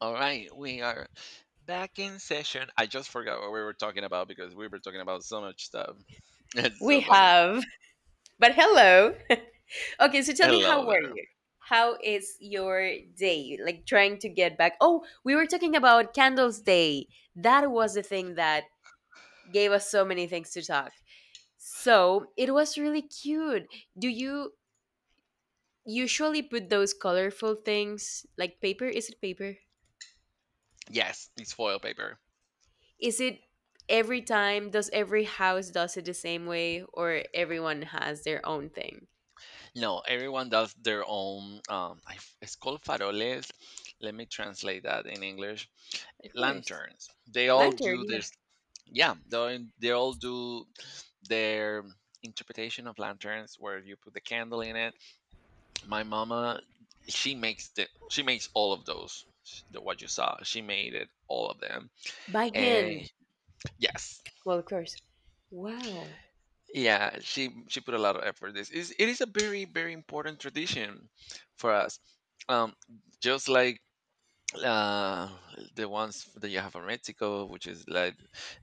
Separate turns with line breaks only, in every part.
All right, we are back in session. I just forgot what we were talking about because we were talking about so much stuff. It's so
We
funny.
have, but hello. Okay, so tell me, how
Hello
were
there.
you? How is your day? Like trying to get back. Oh, we were talking about Candles Day. That was the thing that gave us so many things to talk. So it was really cute. Do you usually put those colorful things like paper? Is it paper?
Yes, it's foil paper.
Is it every time? Does every house does it the same way, or everyone has their own thing?
No, everyone does their own. It's called faroles. Let me translate that in English.
Of course,
Lanterns. They all
lantern.
do
Yeah,
this. Yeah, they all do their interpretation of lanterns, where you put the candle in it. My mama, she makes all of the what you saw. She made it, all of them.
by hand.
And yes,
Well, of course. Wow.
yeah, she put a lot of effort. This is it is a very, very important tradition for us. um just like uh the ones that you have in Mexico, which is like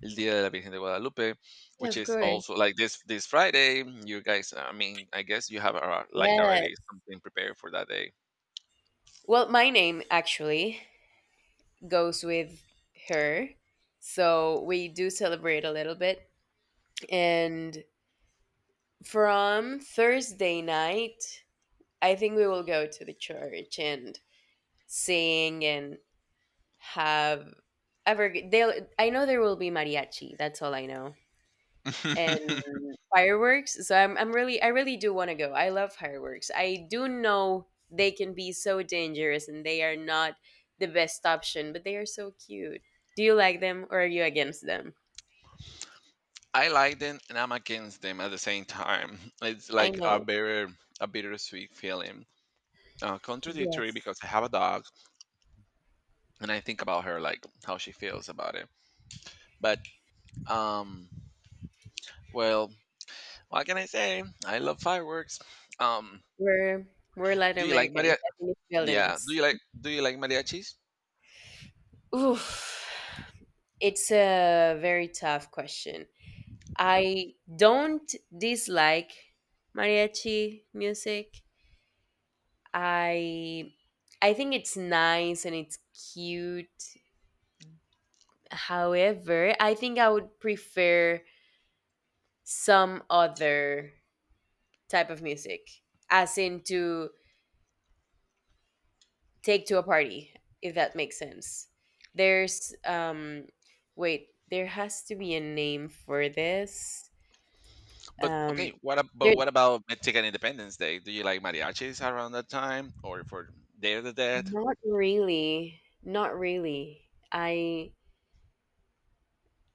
el dia de la virgen de guadalupe,
Yeah,
which
of
is
course.
also like this Friday. You guys, I mean, I guess you have like already
Yes.
something prepared for that day.
Well, my name actually goes with her. So we do celebrate a little bit. And from Thursday night, I think we will go to the church and sing and have ever they'll I know there will be mariachi. That's all I know. And fireworks. So I'm really I really do want to go. I love fireworks. I do know they can be so dangerous and they are not the best option, but they are so cute. Do you like them or are you against them?
I like them and I'm against them at the same time. It's
I
like
know.
a bittersweet feeling. Contradictory
Yes.
because I have a dog and I think about her, like how she feels about it. But um, well, what can I say? I love fireworks. Um,
We're we're Latin
do you like
Americans.
Maria?
I think it's building
Yeah.
us.
Do you like mariachis?
Oof. It's a very tough question. I don't dislike mariachi music. I I think it's nice and it's cute. However, I think I would prefer some other type of music, as in to take to a party, if that makes sense. There's wait, there has to be a name for this.
But
Um
okay, what ab- but
there
what about Mexican Independence Day? Do you like mariachis around that time or for Day of the Dead?
not really. Not really. I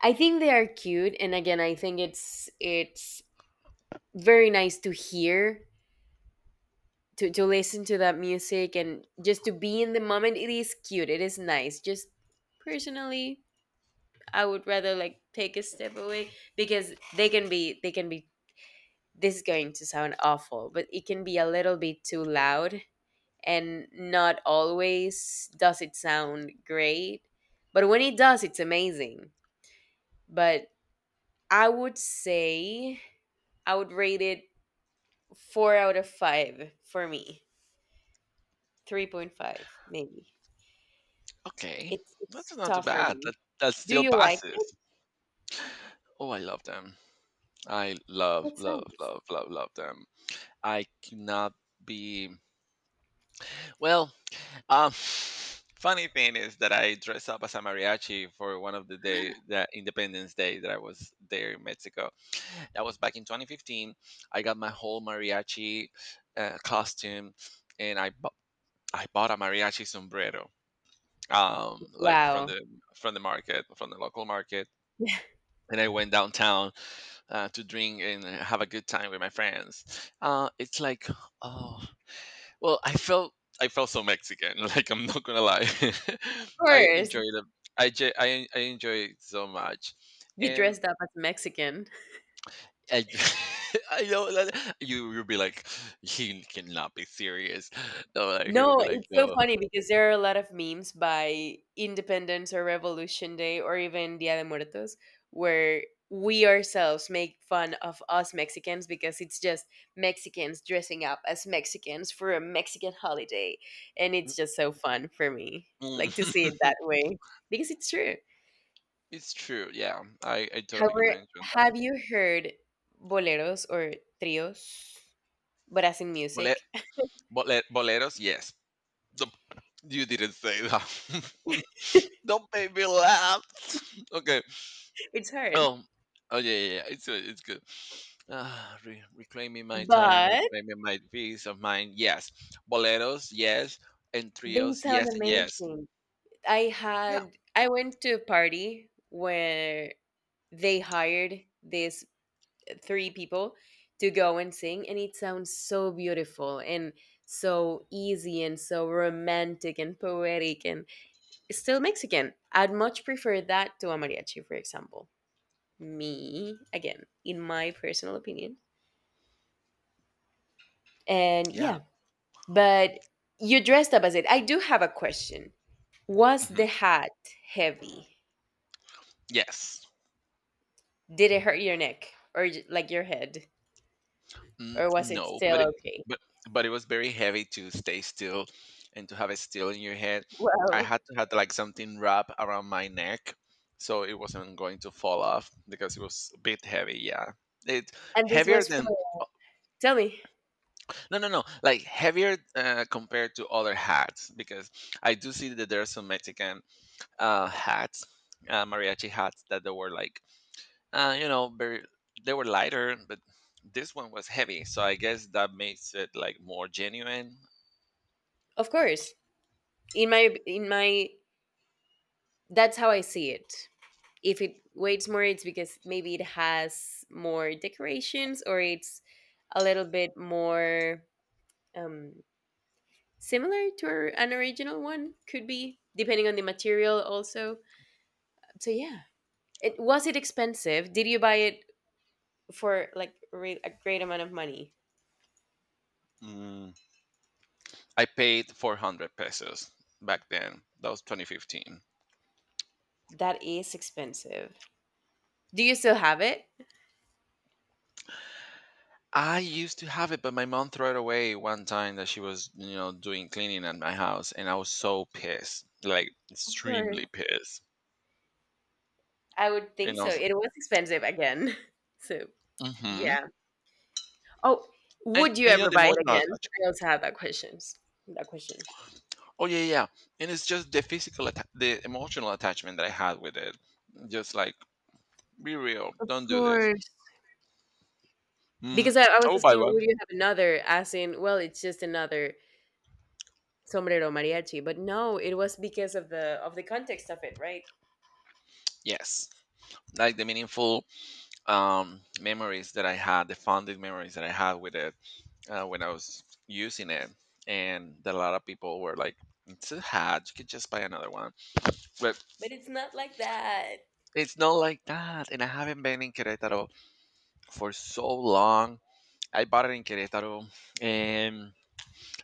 I think they are cute, and again I think it's very nice to hear to listen to that music and just to be in the moment. It is cute, it is nice. Just personally, I would rather like take a step away because they can be this is going to sound awful — but it can be a little bit too loud, and not always does it sound great, but when it does it's amazing. But I would say I would rate it four out of five for me, 3.5 maybe.
Okay,
It's
that's not too
tough for
bad.
me.
That
Do
still
you like it?
passes. Oh, I love them. I love,
That's
love,
nice.
love, love, love them. I cannot be. Well, um, funny thing is that I dressed up as a mariachi for one of the day, the Independence Day that I was there in Mexico. That was back in 2015. I got my whole mariachi costume, and I bought a mariachi sombrero, like
Wow. Of
from the market, from the local market. And I went downtown to drink and have a good time with my friends. It's like, oh, well, I felt so Mexican. Like, I'm not gonna lie, I
course.
enjoyed it. I, j- I enjoy it so much,
You
and
dressed up as Mexican.
I. I know that you'll be like, he cannot be serious. No, like, he will
No,
be like
it's so
no.
funny because there are a lot of memes by Independence or Revolution Day or even Dia de Muertos where we ourselves make fun of us Mexicans, because it's just Mexicans dressing up as Mexicans for a Mexican holiday. And it's just so fun for me, like to see it that
Mm.
way because it's true.
It's true. Yeah, I totally
However,
commend you on that.
have you heard boleros or trios, Brazilian
Bolet,
music?
Boleros, yes. The you didn't say that. Don't make me laugh. Okay.
It's hard,
Oh. Oh yeah, yeah, yeah. It's good. It's good. Reclaiming my time,
but
reclaiming my peace of mind. Yes. Boleros. Yes. And
they
trios.
sound
Yes and yes.
amazing. I
Yeah.
had I went to a party where they hired these three people to go and sing, and it sounds so beautiful and so easy and so romantic and poetic and still Mexican. I'd much prefer that to a mariachi, for example. Me, again, in my personal opinion. And
Yeah.
yeah, but you dressed up as it. I do have a question. Was
Hmm.
the hat heavy?
Yes.
Did it hurt your neck or like your head,
Mm,
or was it
no,
still
but it,
okay?
but but it was very heavy to stay still and to have it still in your head. I
Wow.
had to have like something wrapped around my neck so it wasn't going to fall off because it was a bit heavy. Yeah, it
And this
heavier
was for —
than
tell me.
no no no like heavier compared to other hats, because I do see that there are some Mexican hats, mariachi hats that they were like you know, very, they were lighter, but this one was heavy, so I guess that makes it like more genuine.
Of course, in my that's how I see it. If it weighs more, it's because maybe it has more decorations, or it's a little bit more, um similar to our- an original one, could be depending on the material also. So yeah, it was it expensive? Did you buy it for like a great amount of money?
Mm, I paid 400 pesos back then. That was 2015.
That is expensive. Do you still have it?
I used to have it, but my mom threw it away one time that she was, you know, doing cleaning at my house, and I was so pissed, like
Of course.
extremely pissed.
I would think
And I
so,
was,
it was expensive again. So
mm-hmm.
yeah. Oh,
And,
would you
you know,
ever
the
buy it
emotional
again?
attachment.
I also have that questions, that question. Of
Oh yeah, yeah, yeah. And it's just the emotional attachment that I had with it. Just like, be real. Don't do this.
course,
Mm,
because I
I
was
will buy
asking
one.
would you have another, as in, well, it's just another sombrero mariachi. But no, it was because of the context of it, right?
Yes. Like the meaningful memories that I had, the fondest memories that I had with it when I was using it. And that a lot of people were like, it's a hat. You could just buy another one. But
But it's not like that.
it's not like that. And I haven't been in Querétaro for so long. I bought it in Querétaro. And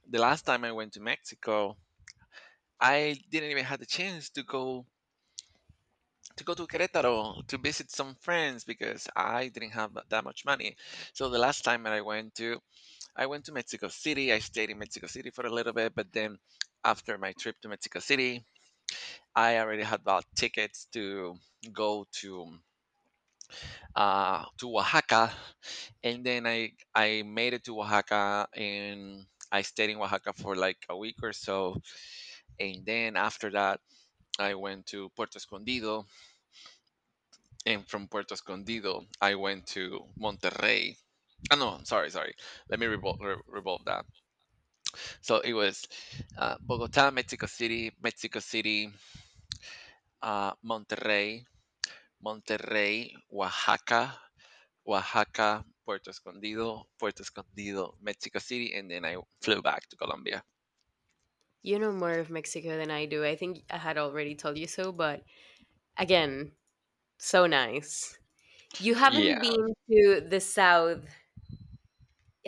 the last time I went to Mexico, I didn't even have the chance to go to Querétaro to visit some friends because I didn't have that much money. So the last time that I went to Mexico City. I stayed in Mexico City for a little bit, but then after my trip to Mexico City, I already had bought tickets to go to Oaxaca, and then I made it to Oaxaca, and I stayed in Oaxaca for like a week or so, and then after that I went to Puerto Escondido, and from Puerto Escondido, I went to Monterrey. Ah, no, I'm sorry, sorry. Let me revolve that. So it was Bogota, Mexico City, Monterrey, Oaxaca, Puerto Escondido, Mexico City, and then I flew back to Colombia.
You know more of Mexico than I do, I think I had already told you so. But again, so nice. You haven't
Yeah,
been to the south.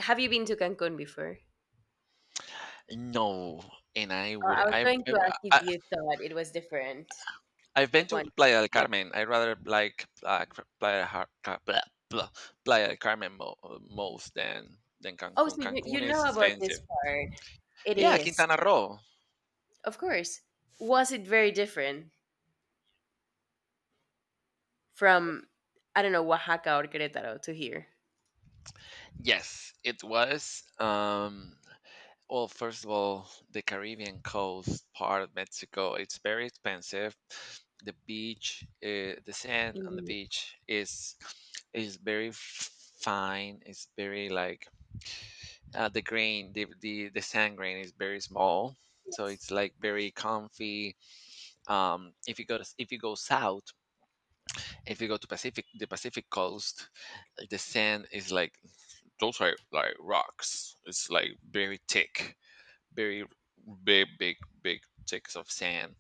Have you been to Cancun before?
no, and I
I
wouldn't.
was going to ask if
I
you thought it was different
I've been
like
to
one.
Playa del
Yeah.
Carmen. I rather like Cr- Playa, Har- Ca- blah, blah, Playa del Carmen most, than
Oh, so
Cancun.
you,
Cancun
you
is
know about this
expensive.
part. It
Yeah,
is.
Quintana Roo.
Of course. Was it very different from — I don't know, Oaxaca or Querétaro to here?
Yes, it was. Well, first of all, the Caribbean coast part of Mexico, it's very expensive. The beach, the sand on the
Indeed.
beach is fine. It's very like the sand grain is very small, so
Yes.
it's like very comfy. Um, if you go south, if you go to pacific the Pacific coast, the sand is like, those are like rocks, it's like very thick, very big, big, big chunks of sand,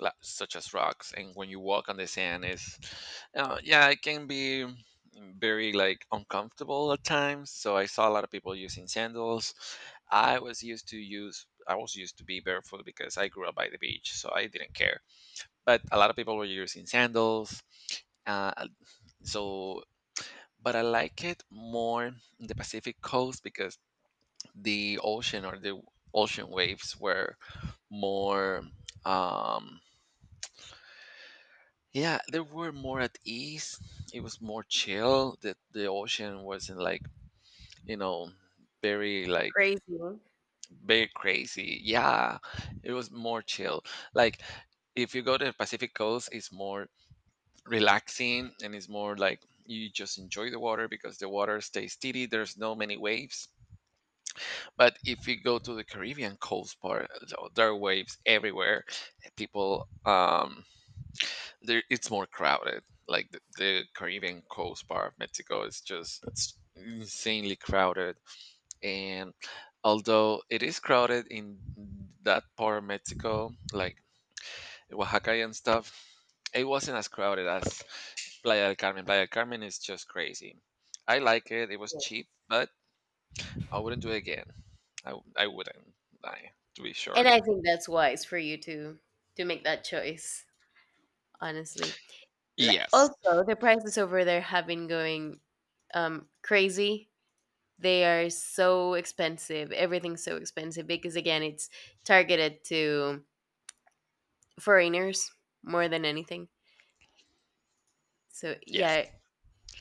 such as rocks. And when you walk on the sand, is yeah, it can be very like uncomfortable at times. So I saw a lot of people using sandals. I was used to use. I was used to be barefoot because I grew up by the beach, so I didn't care. But a lot of people were using sandals. Uh, so, but I like it more in the Pacific coast because the ocean waves were more um, yeah, they were more at ease. It was more chill. The ocean wasn't like, you know, very like,
Crazy.
very crazy. Yeah, it was more chill. Like, if you go to the Pacific coast, it's more relaxing, and it's more like you just enjoy the water because the water stays steady, there's no many waves. But if you go to the Caribbean coast part, so there are waves everywhere. People, there it's more crowded. Like, the Caribbean coast part of Mexico is just, it's insanely crowded. And although it is crowded in that part of Mexico, like Oaxaca and stuff, it wasn't as crowded as Playa del Carmen. Playa del Carmen is just crazy. I like it. It was
Yes.
cheap, but I wouldn't do it again. I wouldn't. I, to be
And
sure.
I think that's wise for you to make that choice, honestly. L-
Yes.
Also, the prices over there have been going crazy. They are so expensive. Everything's so expensive because, again, it's targeted to foreigners more than anything. So,
Yes.
yeah,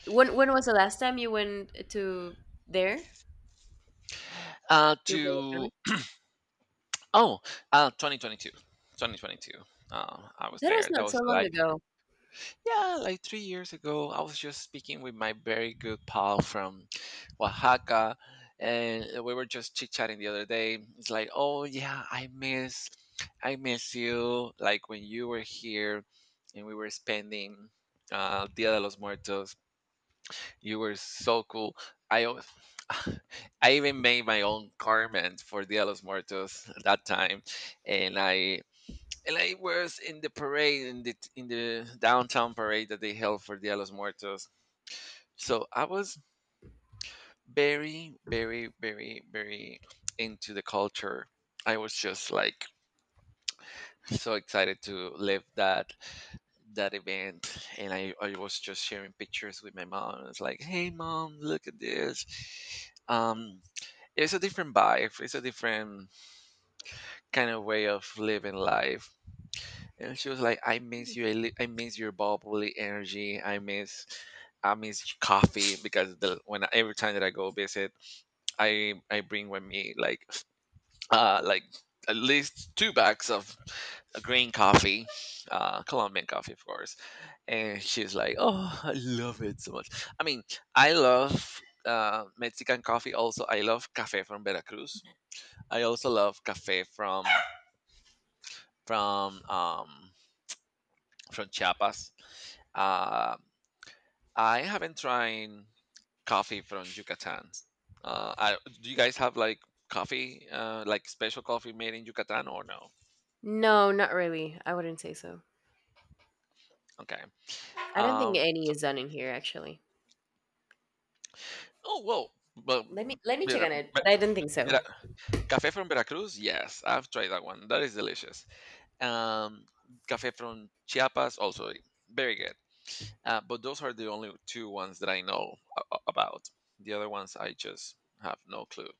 when was the last time you went to there? To Playa del
To
Carmen?
oh, uh, twenty twenty two, 2022. 2022. I was
That was
there. That
not
was
so long
like,
ago.
yeah, like 3 years ago. I was just speaking with my very good pal from Oaxaca, and we were just chit chatting the other day. It's like, oh yeah, I miss you. Like when you were here, and we were spending Dia de los Muertos. You were so cool. I always, I even made my own garment for Dia de los Muertos at that time, and I and I was in the parade, in the downtown parade that they held for Dia de los Muertos. So I was very, very, very, very into the culture. I was just like so excited to live that that event, and I was just sharing pictures with my mom. I was like, hey mom, look at this. Um, it's a different vibe. It's a different kind of way of living life. And she was like, "I miss you. I miss your bubbly energy. I miss coffee because the when every time that I go visit, I bring with me like at least two bags of green coffee, Colombian coffee, of course." And she's like, "Oh, I love it so much. I mean, I love." Mexican coffee. Also, I love cafe from Veracruz. I also love cafe from from um, from Chiapas. Uh, I haven't tried coffee from Yucatan. I, do you guys have like coffee, like special coffee made in Yucatan or no?
No, not really. I wouldn't say so.
Okay.
I don't think
Um,
any is done in here actually.
oh, whoa. But,
Let me check
Vera,
on it,
Ve-
but I don't think so.
Vera, cafe from Veracruz? Yes, I've tried that one. That is delicious. Um, cafe from Chiapas? Also very good. But those are the only two ones that I know about. The other ones I just have no clue.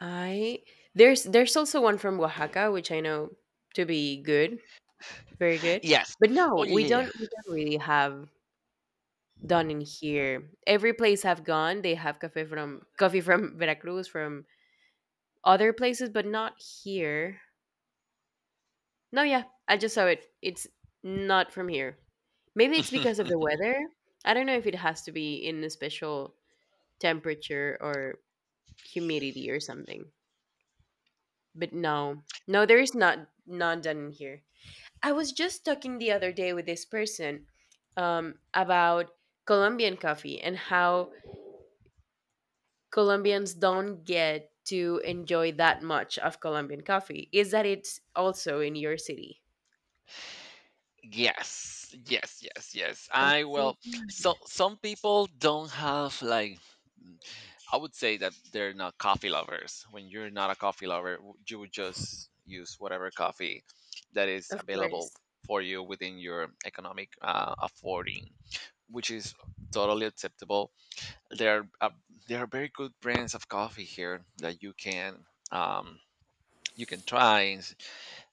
I there's also one from Oaxaca, which I know to be good, very good.
Yes.
But
Oh
no,
yeah, yeah,
we don't really have done in here. Every place I've gone, they have coffee from Veracruz, from other places, but not here. No, yeah, I just saw it. It's not from here. Maybe it's
yeah.
because of the weather. I don't know if it has to be in a special temperature or humidity or something. But no, no, there is not none done in here. I was just talking the other day with this person about Colombian coffee and how Colombians don't get to enjoy that much of Colombian coffee. Is that it's also in your city?
Yes, yes, yes, yes.
That's
I
so
well, so
sad.
some people don't have like. mm, I would say that they're not coffee lovers. When you're not a coffee lover, you would just use whatever coffee that is
Of
available
course.
for you within your economic affording, which is totally acceptable. There are there are very good brands of coffee here that um, you can try.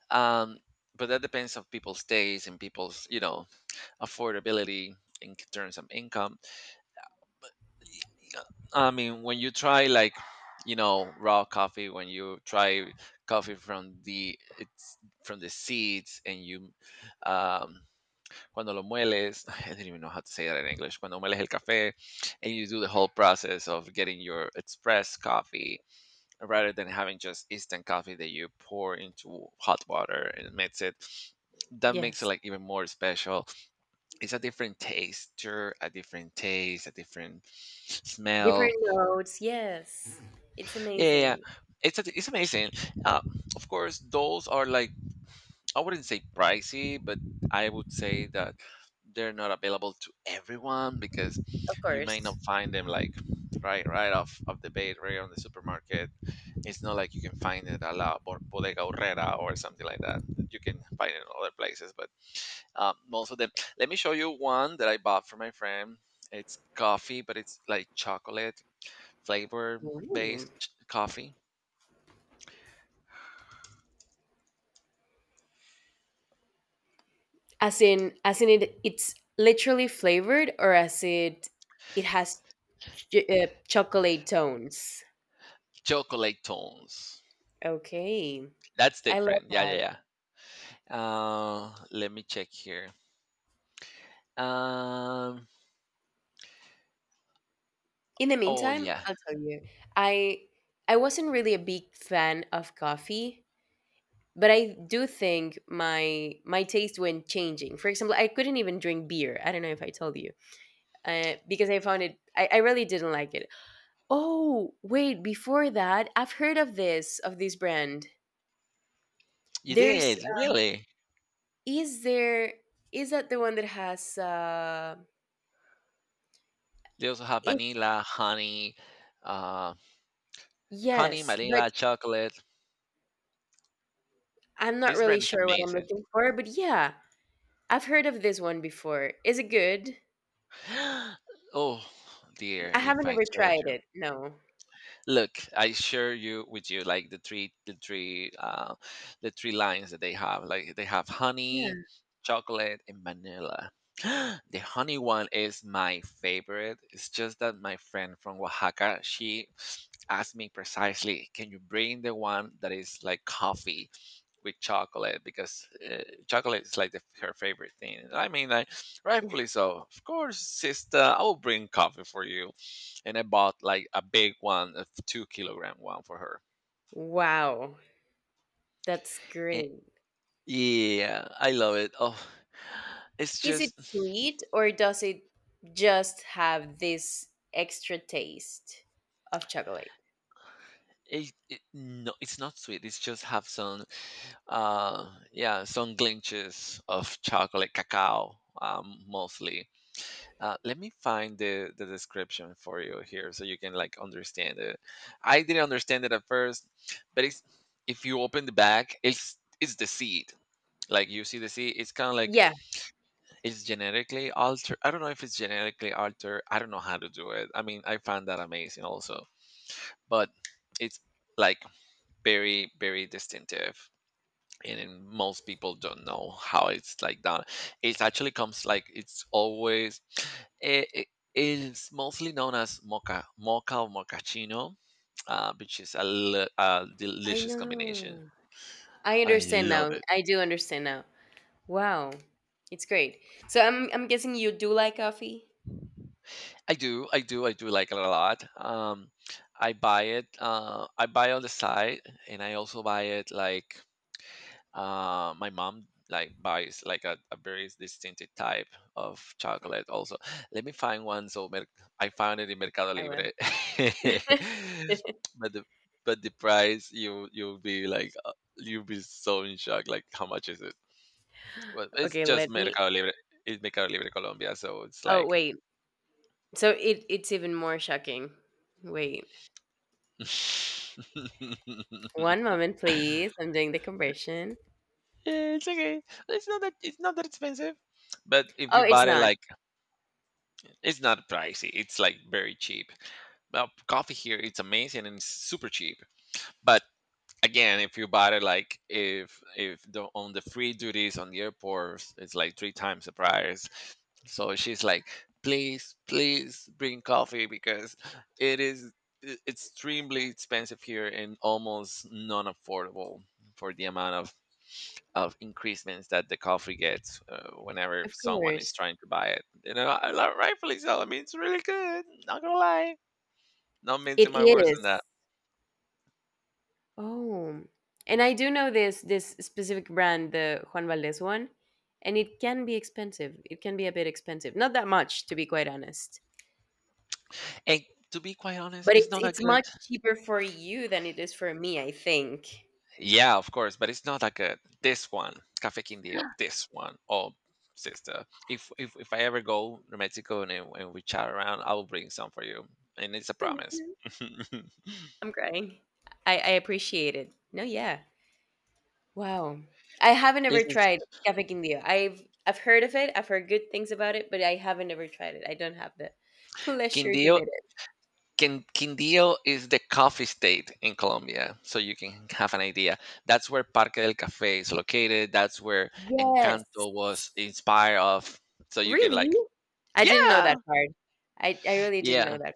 Um, but that depends on people's taste and people's affordability in terms of income. I mean, when you try like you know raw coffee, when you try coffee from the it's from the seeds and you um cuando lo mueles I don't even know how to say that in English cuando mueles el café, and you do the whole process of getting your express coffee rather than having just instant coffee that you pour into hot water and mix it. That makes it
Yes.
like even more special. It's a different texture, a different taste, a different
Different
smell.
notes. Yes. It's
Yeah, yeah, yeah.
amazing.
It's amazing. uh, of course, those are like, I wouldn't say pricey, but I would say that they're not available to everyone because
Of
you may
course.
not find them like right off of the bat, right on the supermarket. It's not like you can find it at Bodega Aurrera or something like that. You can find it in other places, but most of them. Let me show you one that I bought for my friend. It's coffee, but it's like chocolate flavor
Ooh.
based coffee.
As in it, it's literally flavored, or as it, it has chocolate tones.
Chocolate tones.
Okay,
That's
I love
different. Yeah, yeah,
that.
yeah. Let me check here. Um,
In the
oh
meantime,
yeah,
I'll tell you, I I wasn't really a big fan of coffee, but I do think my my taste went changing. For example, I couldn't even drink beer. I don't know if I told you, because I found it. I really didn't like it. Oh wait, before that, I've heard of this brand.
you
There's —
did really.
is there is that the one that has
They also have
it's
vanilla, honey, uh, honey,
yes, but
vanilla, chocolate.
I'm not
This
really
brand is
sure what I'm
amazing.
looking for, but yeah, I've heard of this one before. Is it good?
Oh dear,
I
if
haven't
I
ever
told
tried
you.
it. No.
Look, I share you with you like the three the three lines that they have. Like they have honey,
Yeah.
chocolate and vanilla. The honey one is my favorite. It's just that my friend from Oaxaca, she asked me precisely, can you bring the one that is like coffee with chocolate, because chocolate is like her favorite thing. And I mean, like rightfully so. Of course, sister, I will bring coffee for you. And I bought like a big one, a 2 kilogram one for her.
Wow, that's
Eh,
great.
yeah, I love it. Oh, it's
Is it
just.
sweet, or does it just have this extra taste of chocolate?
No, it's not sweet. It's just have some, yeah, some glinches of chocolate, cacao, mostly. Let me find the description for you here so you can like understand it. I didn't understand it at first, but it's, if you open the back, it's the seed. Like you see the seed, it's kind of like,
Yeah,
it's genetically altered. I don't know if it's genetically altered. I don't know how to do it. I mean, I found that amazing also, but it's like very very distinctive, and most people don't know how it's like done. It actually comes like, it's always it's mostly known as mocha or mochaccino, which is a, a
I
delicious combination.
know. I
I
understand
love
now.
it.
I do understand now. Wow, it's great. So I'm guessing you do like coffee.
I do I do like it a lot. I buy it, I buy on the side, and I also buy it like, my mom like buys like a very distinctive type of chocolate also. Let me find one. I found it in Mercado
I will.
Libre. But the but the price, you you'll be like you'll be so in shock like, how much is it? Well, it's
Okay,
just
let me.
Mercado Libre. It's Mercado Libre Colombia, so it's
Oh
like
wait, so it it's even more shocking. Wait, one moment, please. I'm doing the conversion.
yeah, it's okay. It's not that it's not that expensive, but if
Oh,
you
it's
buy it
not.
like, it's not pricey. It's like very cheap. Well, coffee here it's amazing and it's super cheap. But again, if you buy it like, if the, on the free duties on the airport, it's like three times the price. So she's like, please, please bring coffee because it is extremely expensive here and almost non affordable for the amount of increasements that the coffee gets whenever
Of
someone is
course,
trying to buy it. You know, I love, rightfully so. I mean, it's really good. Not gonna lie. Not
it
mincing my words on
is.
that.
Oh, and I do know this this specific brand, the Juan Valdez one, and it can be expensive. It can be a bit expensive, not that much, to be quite honest.
And to be quite honest,
But
it's not that
it's
good.
much cheaper for you than it is for me, I think.
Yeah, of course, but it's not that good. This one, Cafe Quindio, this one, oh sister. If I ever go to Mexico and we chat around, I'll bring some for you. And it's a
Thank
promise.
you. I'm crying. I appreciate it. No, yeah. Wow. I haven't ever
This is
tried Café Quindío. I've heard of it. I've heard good things about it, but I haven't ever tried it. I don't have the pleasure to
Quindio.
meet it.
Quindío is the coffee state in Colombia, so you can have an idea. That's where Parque del Café is located. That's where
Yes.
Encanto was inspired of. So you can
Really?
like,
I didn't know
yeah,
that part. I really didn't
yeah.
know that.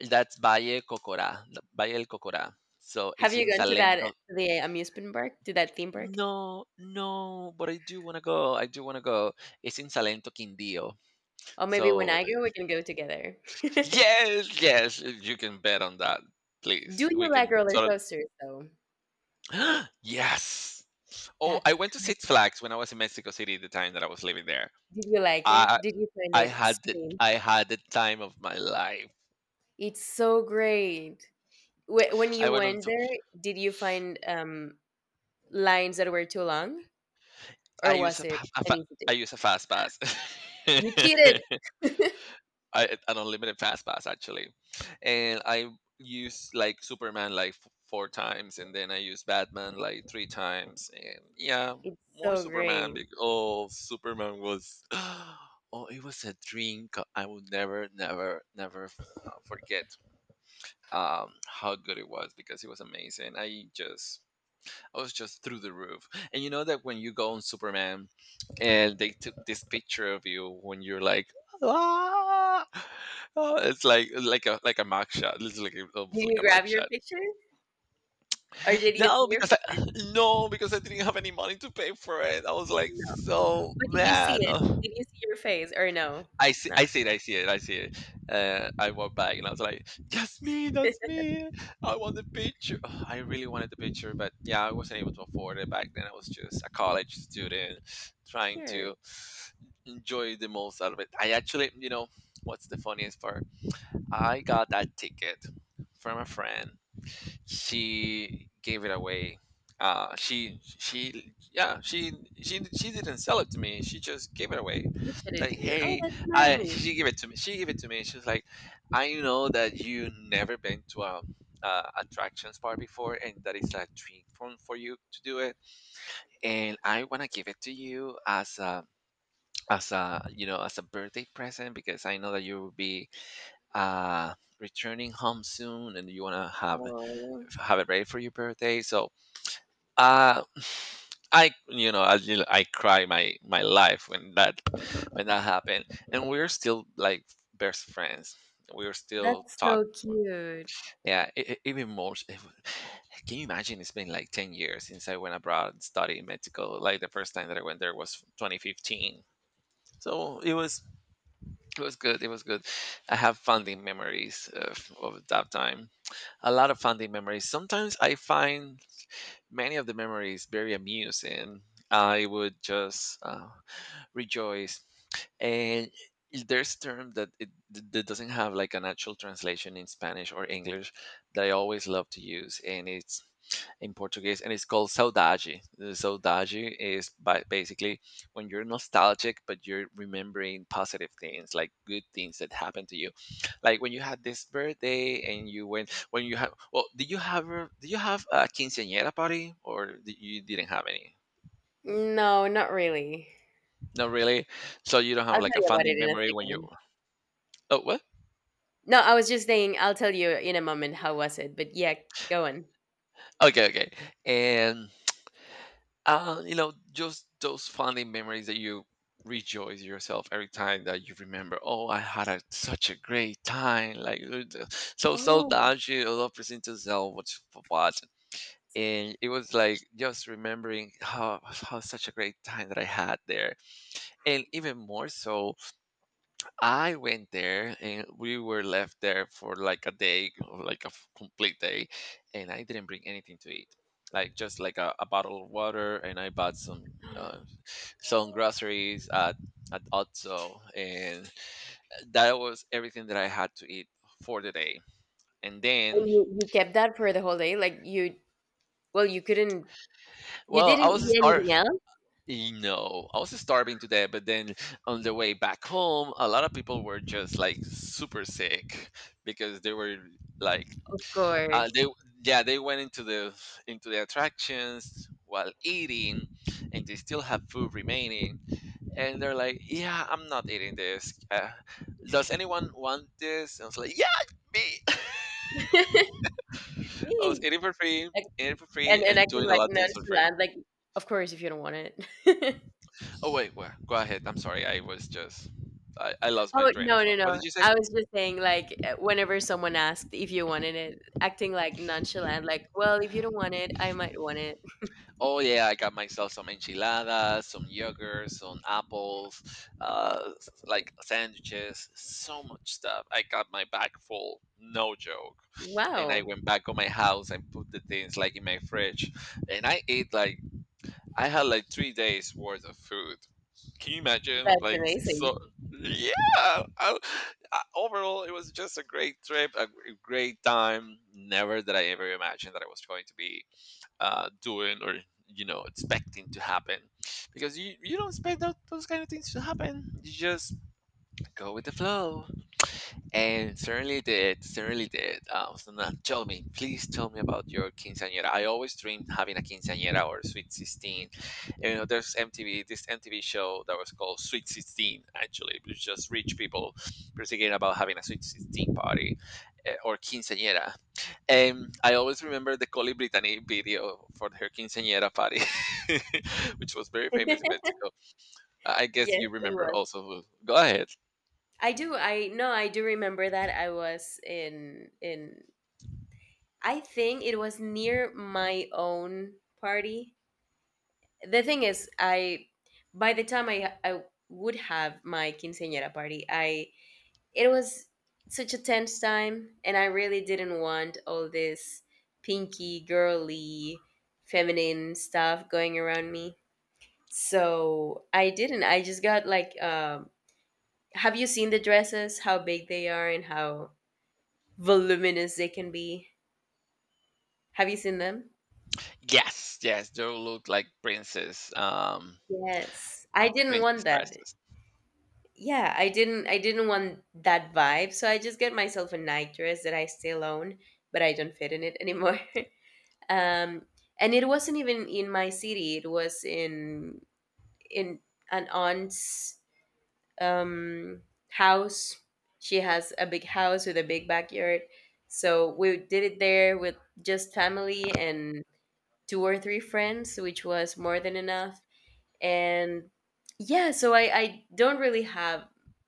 That's Valle Cocora, Valle del Cocora. So
Have
it's
you
in
gone to that
Salento.
the amusement park, to that theme park?
No, no, but I do want to go. I do want to go. It's in Salento, Quindío.
Or maybe when
So
I go, we can go together. Do
yes, yes, you can bet on that. Please, we
you like
can.
roller
Sort
coasters though?
of, yes. Oh, I
That's
went to
great.
Six Flags when I was in Mexico City the time that I was living there.
Did you like
I
it? Did you find
I
it
had the
extreme?
I had the time of my life.
It's so great. Wh- When
I
you
went on
went
to
there, did you find lines that were too long,
I
or
use
was
a,
it
pa- a fa-
an easy day?
I use a fast pass.
You cheated.
I, an unlimited fast pass actually. And I used like Superman like four times, and then I used Batman like three times, and yeah,
It's
more
so
Superman
great.
because, oh, Superman was oh, it was a dream. I will never, never, never forget how good it was because it was amazing. I just, I was just through the roof. And you know that when you go on Superman, and they took this picture of you when you're like, ah, oh, it's like a mug shot. It's like almost
Did
like
you
a mug
grab your
shot.
picture, or did you see
No,
your
because I,
picture?
no, because I didn't have any money to pay for it. I was like
No,
so
but did you see
mad.
it? Did you see your face, or no?
I
Not
see it, I see it. I walked back and I was like, "That's me, that's me! I want the picture." Ugh, I really wanted the picture, but yeah, I wasn't able to afford it back then. I was just a college student trying
sure.
to enjoy the most out of it. I actually, you know, what's the funniest part? I got that ticket from a friend. She gave it away. She yeah she didn't sell it to me. She just gave it away.
Gifted it
Like,
to you. Oh,
hey,
that's
I
nice.
she gave it to me. She gave it to me. She's like, I know that you never been to a attractions bar before, and that is a dream for you to do it. And I wanna give it to you as a you know, as a birthday present because I know that you will be returning home soon, and you wanna have
Oh,
it ready for your birthday. So uh, I cry my life when that happened, and we're still like best friends. We're still
that's so
talk.
cute.
Yeah, even more. Can you imagine? It's been like 10 years since I went abroad and studied in Mexico. Like the first time that I went there was 2015. So it was, it was good. It was good. I have fondly memories of that time. A lot of fondly memories. Sometimes I find many of the memories very amusing. I would just rejoice, and there's term that that doesn't have like an actual translation in Spanish or English that I always love to use, and it's in Portuguese, and it's called saudade. The Saudade is by, basically, when you're nostalgic, but you're remembering positive things, like good things that happened to you, like when you had this birthday and you went when you had. Well, did you have did you have a quinceañera party, or did, you didn't have any?
No, not really.
Not really. So you don't
I'll
have
tell
like a
you about it
funding
in a
memory when you.
second.
Oh, what?
No, I was just saying, I'll tell you in a moment how was it, but yeah, go on.
Okay, okay. And you know, just those funny memories that you rejoice yourself every time that you remember. Oh, I had a, such a great time. Like so, so
Oh,
dodgy, a lot of present yourself what you what. And it was like just remembering how such a great time that I had there, and even more so, I went there and we were left there for like a day, or like a complete day, and I didn't bring anything to eat. Like just like a bottle of water, and I bought some groceries at Otso, and that was everything that I had to eat for the day. And then,
and you kept that for the whole day? Like you, well, you couldn't you
well, I
didn't
was
eat
starving.
anything else?
No, I was starving today. But then on the way back home, a lot of people were just like super sick because they were like
Of course.
they yeah they went into the attractions while eating, and they still have food remaining, and they're like, yeah, I'm not eating this, does anyone want this? And I was like, yeah, me. I was
Me.
eating for free,
Like,
eating for free,
and
and
acting
doing a
like
lot of things for free.
nonchalant, like of course if you don't want it.
Oh wait, well, go ahead, I'm sorry, I was just, I lost my
Oh
train of
no no
thought. What
no!
did you say?
I was just saying like whenever someone asked if you wanted it, acting like nonchalant, like well if you don't want it, I might want it.
Oh yeah, I got myself some enchiladas, some yogurt, some apples, like sandwiches, so much stuff. I got my bag full, no joke. And I
Wow,
went back on my house and put the things like in my fridge, and I ate like, I had like 3 days worth of food. Can you imagine?
that's
Like,
amazing.
so, yeah. I, overall, it was just a great trip, great time. Never did I ever imagine that I was going to be doing or you know expecting to happen because you don't expect that, those kind of things to happen, you just go with the flow. And certainly did, certainly did. So now tell me, please tell me about your quinceañera. I always dreamed having a quinceañera or sweet 16. And, you know, there's MTV, this MTV show that was called Sweet 16, actually it was just rich people pretty about having a sweet 16 party, eh, or quinceañera. I always remember the Coli Brittany video for her quinceañera party, which was very famous in Mexico. I guess
Yes,
you
it
remember
was.
also. Go ahead.
I do. I no, I do remember that I was in I think it was near my own party. The thing is, I by the time I would have my quinceañera party, I it was such a tense time and I really didn't want all this pinky, girly, feminine stuff going around me. So, I didn't. I just got like have you seen the dresses, how big they are and how voluminous they can be. Have you seen them?
Yes, yes, they look like princess,
Yes. I didn't
princess
want that.
dresses.
Yeah, I didn't want that vibe, so I just get myself a night dress that I still own, but I don't fit in it anymore. um and it wasn't even in my city, it was in an aunt's um house. She has a big house with a big backyard. So we did it there with just family and two or three friends, which was more than enough. And yeah, so I don't really have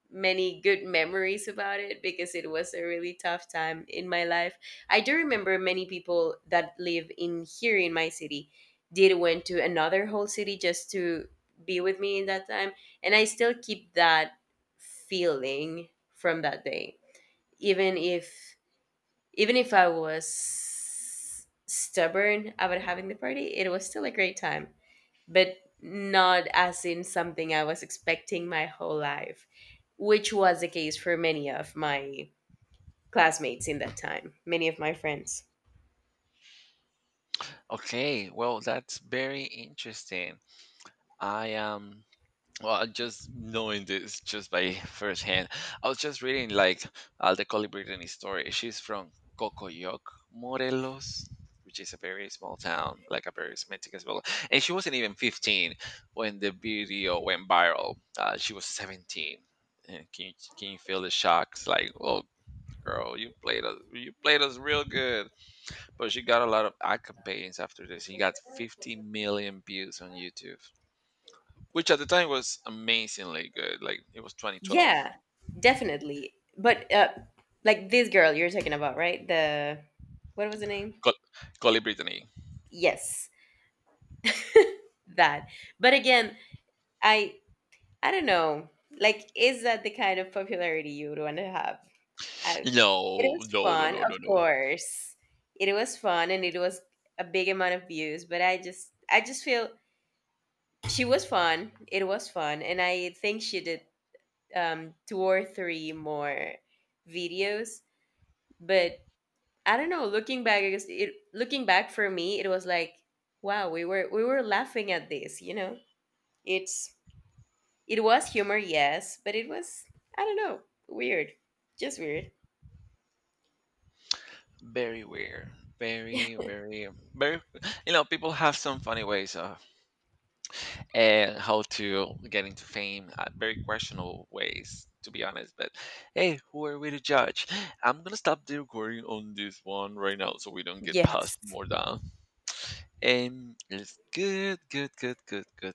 many good memories about it because it was a really tough time in my life. I do remember many people that live in here in my city did went to another whole city just to be with me in that time, and I still keep that feeling from that day, even if, even if I was stubborn about having the party, it was still a great time, but not as in something I was expecting my whole life, which was the case for many of my classmates in that time, many of my friends.
Okay, well, that's very interesting. I am Well, just knowing this just by firsthand, I was just reading like Alda Colli Brittany's story. She's from Cocoyoc, Morelos, which is a very small town, like a very Mexican small. And she wasn't even 15 when the video went viral. She was 17. And can you feel the shocks? Like, oh, girl, you played us real good. But she got a lot of ad campaigns after this. He got 50 million views on YouTube, which at the time was amazingly good. Like it was 2012.
Yeah, definitely. But like this girl you're talking about, right? The what was the name?
Call, call it Brittany.
Yes, that. But again, I I don't know. Like, is that the kind of popularity you would want to have? I, it
No,
was
no, no,
fun,
no,
of
no, no.
course. It was fun, and it was a big amount of views. But I just feel she was fun. It was fun, and I think she did two or three more videos. But I don't know. Looking back, I guess it, looking back for me, it was like, wow, we were laughing at this. You know, it's it was humor, yes, but it was I don't know, weird, just weird.
Very weird. Very, very, very. You know, people have some funny ways of how to get into fame. Very questionable ways, to be honest. But hey, who are we to judge? I'm gonna stop the recording on this one right now, so we don't get
Yes.
passed more down. And it's good, good, good, good, good.